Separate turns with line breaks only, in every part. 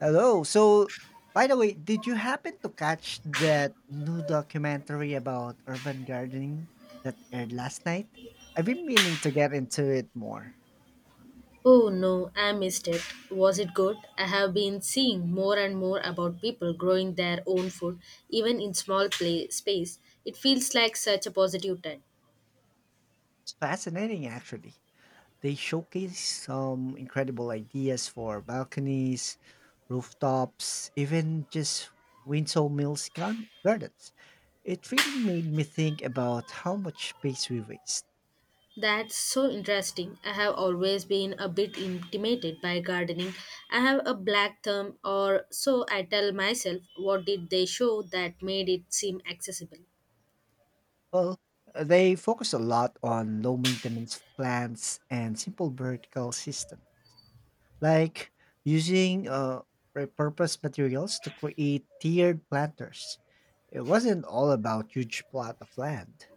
Hello. So, by the way, did you happen to catch that new documentary about urban gardening that aired last night? I've been meaning to get into it more.
Oh no, I missed it. Was it good? I have been seeing more and more about people growing their own food, even in small play space. It feels like such a positive trend.
It's fascinating, actually. They showcase some incredible ideas for balconies, rooftops, even just windsow mills gardens. It really made me think about how much space we waste.
That's so interesting. I have always been a bit intimidated by gardening. I have a black thumb, or so I tell myself. What did they show that made it seem accessible?
Well, they focus a lot on low maintenance plants and simple vertical system, like using repurposed materials to create tiered planters. It wasn't all about huge plot of land.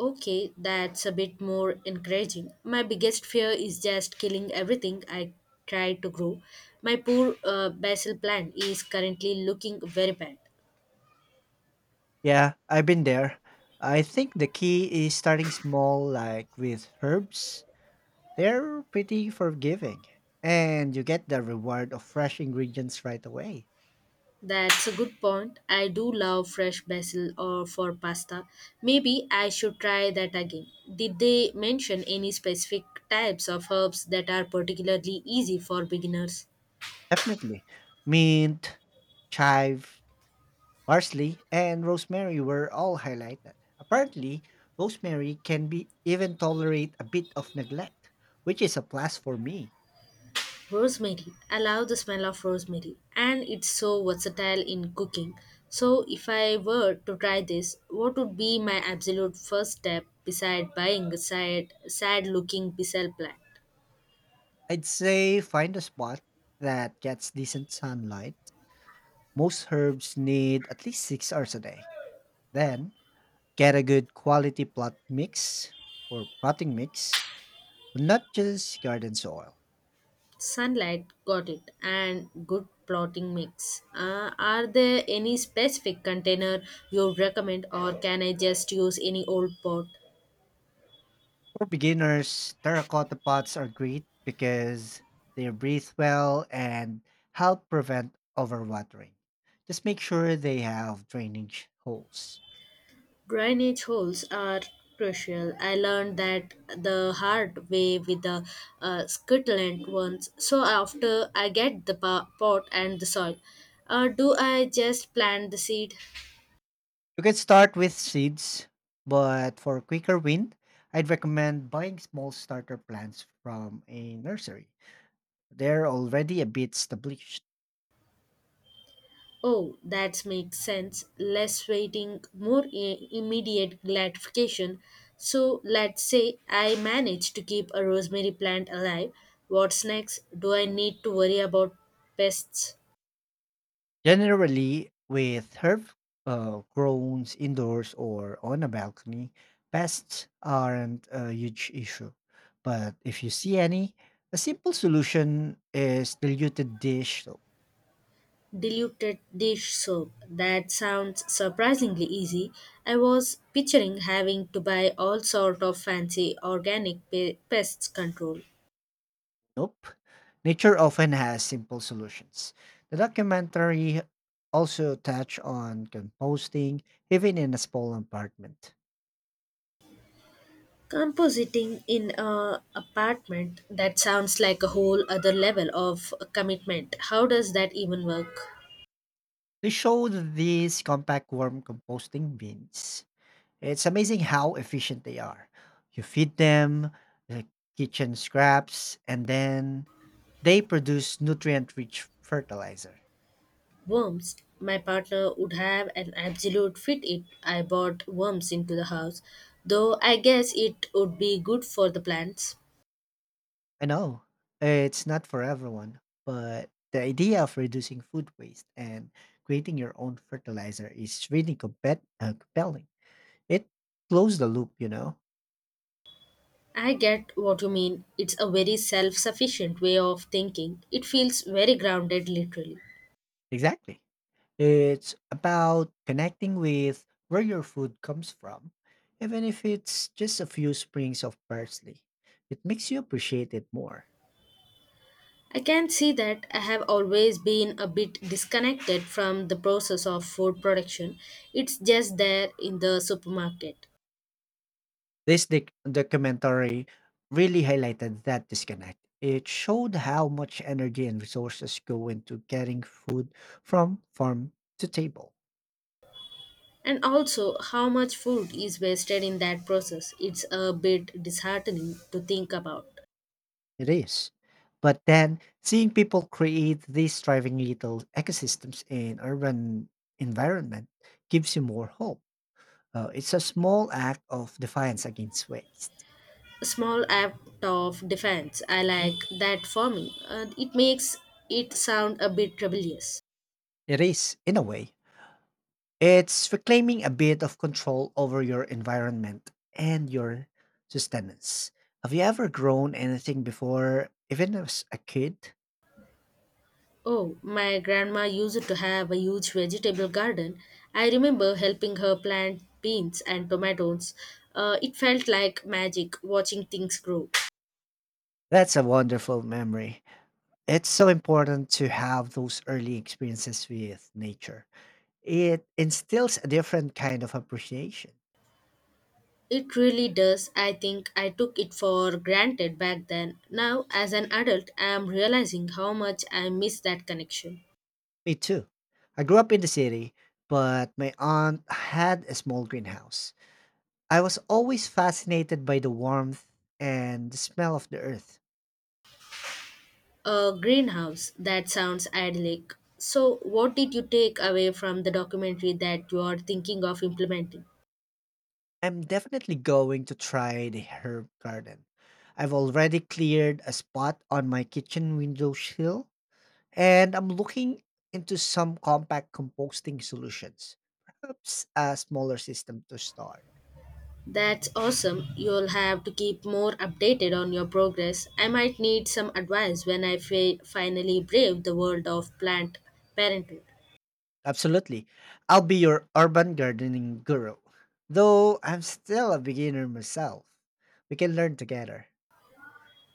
Okay, that's a bit more encouraging. My biggest fear is just killing everything I try to grow. My poor basil plant is currently looking very bad.
Yeah, I've been there. I think the key is starting small, like with herbs. They're pretty forgiving, and you get the reward of fresh ingredients right away.
That's a good point. I do love fresh basil or for pasta. Maybe I should try that again. Did they mention any specific types of herbs that are particularly easy for beginners?
Definitely. Mint, chive, parsley and rosemary were all highlighted. Apparently, rosemary can be even tolerate a bit of neglect, which is a plus for me.
Rosemary. I love the smell of rosemary and it's so versatile in cooking. So, if I were to try this, what would be my absolute first step beside buying a sad, sad looking pisel plant?
I'd say find a spot that gets decent sunlight. Most herbs need at least 6 hours a day. Then, get a good quality plot mix or potting mix, not just garden soil.
Sunlight, got it, and good plotting mix. Are there any specific container you recommend, or can I just use any old pot?
For beginners, terracotta pots are great because they breathe well and help prevent overwatering. Just make sure they have drainage holes.
Drainage holes are crucial. I learned that the hard way with the Scotland ones. So after I get the pot and the soil, do I just plant the seed?
You can start with seeds, but for quicker wind, I'd recommend buying small starter plants from a nursery. They're already a bit established.
Oh, that makes sense. Less waiting, more immediate gratification. So let's say I manage to keep a rosemary plant alive. What's next? Do I need to worry about pests?
Generally, with herb grown indoors or on a balcony, pests aren't a huge issue. But if you see any, a simple solution is diluted dish soap.
Diluted dish soap. That sounds surprisingly easy. I was picturing having to buy all sort of fancy organic pest control.
Nope. Nature often has simple solutions. The documentary also touched on composting, even in a small apartment.
Compositing in a apartment that sounds like a whole other level of commitment. How does that even work?
They showed these compact worm composting bins. It's amazing how efficient they are. You feed them the kitchen scraps, and then they produce nutrient rich fertilizer.
Worms. My partner would have an absolute fit if I bought worms into the house, though I guess it would be good for the plants.
I know it's not for everyone, but the idea of reducing food waste and creating your own fertilizer is really compelling. It closes the loop, you know?
I get what you mean. It's a very self sufficient way of thinking. It feels very grounded, literally.
Exactly. It's about connecting with where your food comes from, even if it's just a few sprigs of parsley. It makes you appreciate it more.
I can see that I have always been a bit disconnected from the process of food production. It's just there in the supermarket.
This documentary really highlighted that disconnect. It showed how much energy and resources go into getting food from farm to table.
And also, how much food is wasted in that process? It's a bit disheartening to think about.
It is. But then seeing people create these thriving little ecosystems in urban environment gives you more hope. It's a small act of defiance against waste.
A small act of defense, I
Mm.
like that for me. It makes it sound a bit rebellious.
It is, in a way. It's reclaiming a bit of control over your environment and your sustenance. Have you ever grown anything before, even as a kid?
Oh, my grandma used to have a huge vegetable garden. I remember helping her plant beans and tomatoes. It felt like magic watching things grow.
That's a wonderful memory. It's so important to have those early experiences with nature. It instills a different kind of appreciation.
It really does. I think I took it for granted back then. Now, as an adult, I am realizing how much I miss that connection.
Me too. I grew up in the city, but my aunt had a small greenhouse. I was always fascinated by the warmth and the smell of the earth.
A greenhouse, that sounds idyllic. So, what did you take away from the documentary that you are thinking of implementing?
I'm definitely going to try the herb garden. I've already cleared a spot on my kitchen window sill, and I'm looking into some compact composting solutions. Perhaps a smaller system to start.
That's awesome. You'll have to keep more updated on your progress. I might need some advice when I finally brave the world of plant parenthood.
Absolutely. I'll be your urban gardening guru. Though I'm still a beginner myself. We can learn together.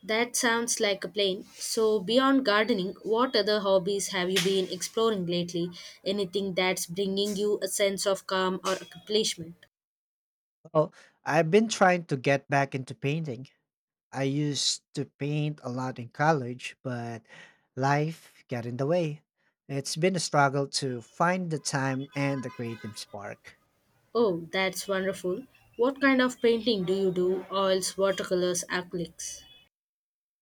That sounds like a plan. So, beyond gardening, what other hobbies have you been exploring lately? Anything that's bringing you a sense of calm or accomplishment?
Oh, I've been trying to get back into painting. I used to paint a lot in college, but life got in the way. It's been a struggle to find the time and the creative spark.
Oh, that's wonderful. What kind of painting do you do? Oils, watercolors, acrylics?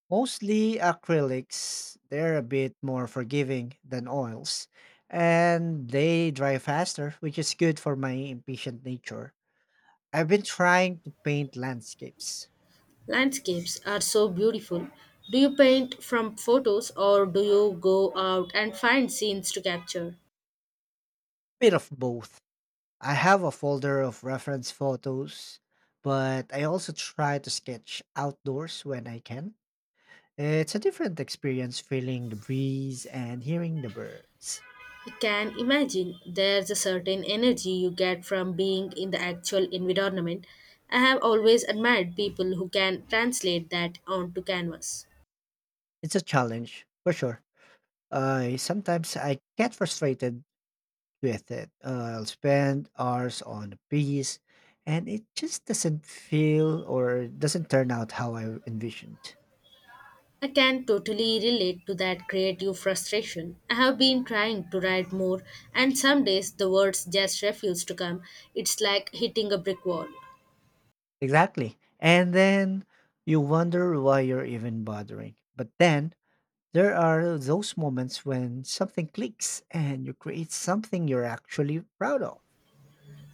Mostly acrylics, they're a bit more forgiving than oils, and they dry faster, which is good for my impatient nature. I've been trying to paint landscapes,
Landscapes are so beautiful. Do you paint from photos or do you go out and find scenes to capture?
bit of both. I have a folder of reference photos, but I also try to sketch outdoors when I can. It's a different experience feeling the breeze and hearing the birds.
You can imagine there's a certain energy you get from being in the actual environment. I have always admired people who can translate that onto canvas.
It's a challenge, for sure. I sometimes I get frustrated with it. I'll spend hours on a piece and it just doesn't feel or doesn't turn out how I envisioned.
I can totally relate to that creative frustration. I have been trying to write more, and some days the words just refuse to come. It's like hitting a brick wall.
Exactly. And then you wonder why you're even bothering. But then there are those moments when something clicks and you create something you're actually proud of.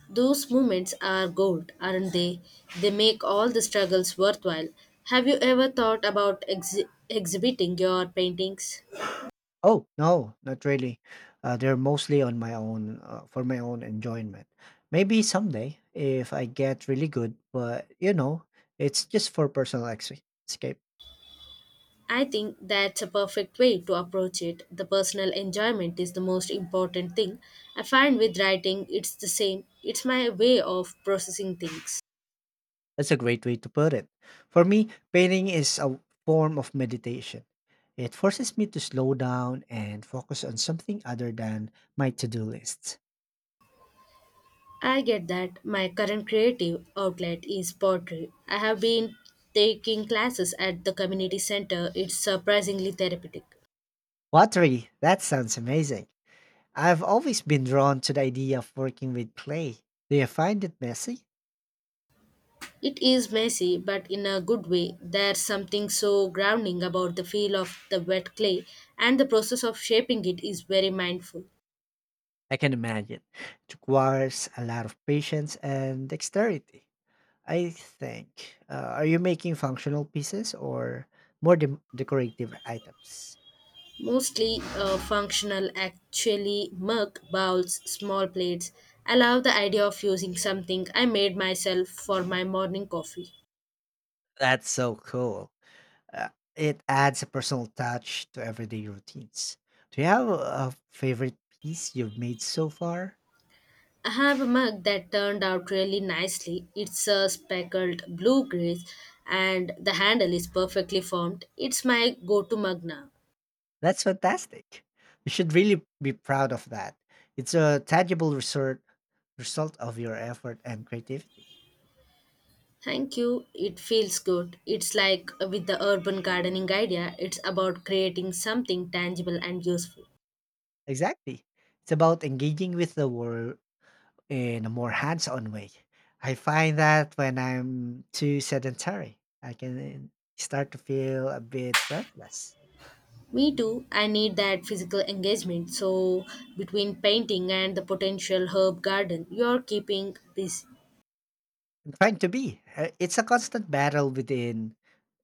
Those moments are gold, aren't they? They make all the struggles worthwhile. Have you ever thought about exhibiting your paintings?
Oh, no, not really. They're mostly on my own, for my own enjoyment. Maybe someday if I get really good, but you know, it's just for personal escape.
I think that's a perfect way to approach it. The personal enjoyment is the most important thing. I find with writing it's the same. It's my way of processing things.
That's a great way to put it. For me, painting is a form of meditation. It forces me to slow down and focus on something other than my to do lists.
I get that my current creative outlet is pottery. I have been taking classes at the community center. It's surprisingly therapeutic.
Pottery, that sounds amazing. I've always been drawn to the idea of working with clay. Do you find it messy?
It is messy, but in a good way. There's something so grounding about the feel of the wet clay, and the process of shaping it is very mindful.
I can imagine. It requires a lot of patience and dexterity. I think. Are you making functional pieces or more decorative items?
Mostly functional, actually, mug, bowls, small plates. I love the idea of using something I made myself for my morning coffee.
That's so cool. Uh, it adds a personal touch to everyday routines. Do you have a favorite piece you've made so far?
I have a mug that turned out really nicely. It's a speckled blue grace, and the handle is perfectly formed. It's my go to mug now.
That's fantastic. You should really be proud of that. It's a tangible result of your effort and creativity.
Thank you. It feels good. It's like with the urban gardening idea, it's about creating something tangible and useful.
Exactly. It's about engaging with the world in a more hands on way. I find that when I'm too sedentary, I can start to feel a bit restless.
Me too, I need that physical engagement. So, between painting and the potential herb garden, you're keeping busy.
I'm trying to be. It's a constant battle within.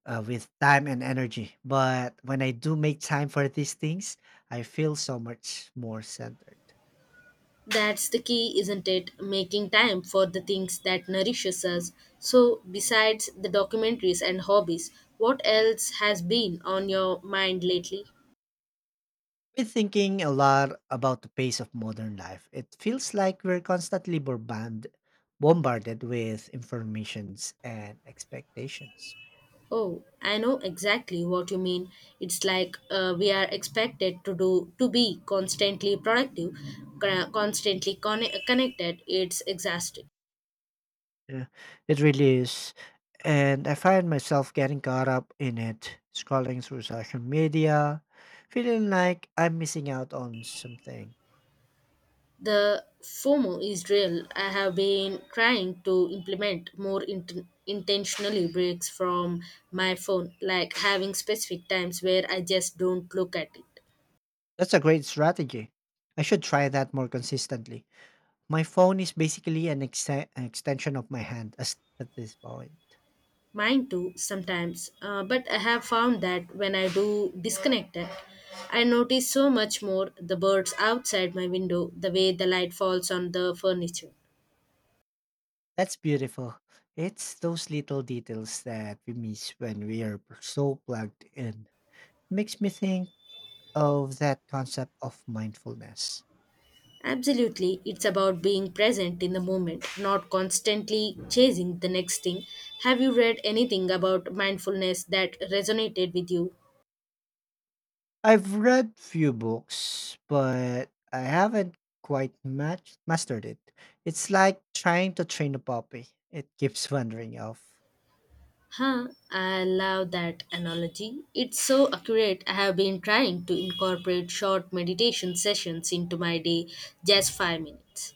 With time and energy, but when I do make time for these things I feel so much more centered.
That's the key, isn't it? Making time for the things that nourishes us. So, besides the documentaries and hobbies, what else has been on your mind lately?
Been thinking a lot about the pace of modern life. It feels like we're constantly bombarded with informations and expectations.
Oh, I know exactly what you mean. It's like we are expected to do to be constantly productive, constantly connected. It's exhausting.
Yeah, it really is. And I find myself getting caught up in it, scrolling through social media, feeling like I'm missing out on something.
The FOMO is real. I have been trying to implement more intentionally breaks from my phone, like having specific times where I just don't look at it.
That's a great strategy. I should try that more consistently. My phone is basically an extension of my hand at this point.
Mine too, sometimes. But I have found that when I do disconnect it, I notice so much more the birds outside my window, the way the light falls on the furniture.
That's beautiful. It's those little details that we miss when we are so plugged in. It makes me think of that concept of mindfulness.
Absolutely, it's about being present in the moment, not constantly chasing the next thing. Have you read anything about mindfulness that resonated with you?
I've read few books, but I haven't quite mastered it. It's like trying to train a puppy. It keeps wandering off.
Huh, I love that analogy. It's so accurate. I have been trying to incorporate short meditation sessions into my day, just 5 minutes.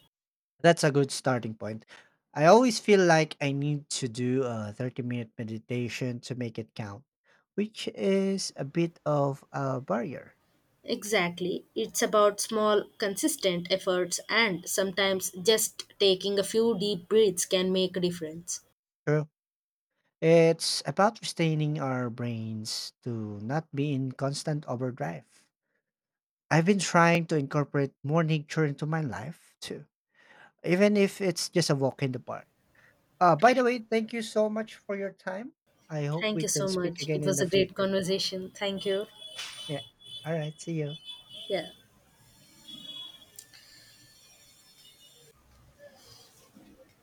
That's a good starting point. I always feel like I need to do a 30-minute minute meditation to make it count, which is a bit of a barrier.
Exactly. It's about small, consistent efforts, and sometimes just taking a few deep breaths can make a difference.
True. It's about restraining our brains to not be in constant overdrive. I've been trying to incorporate more nature into my life too, even if it's just a walk in the park. By the way, thank you so much for your time. I hope
Thank
we
you
can
so
speak
much.
again
It
in
was
the
a great
future.
conversation. Thank you.
Yeah. All right. See you.
Yeah.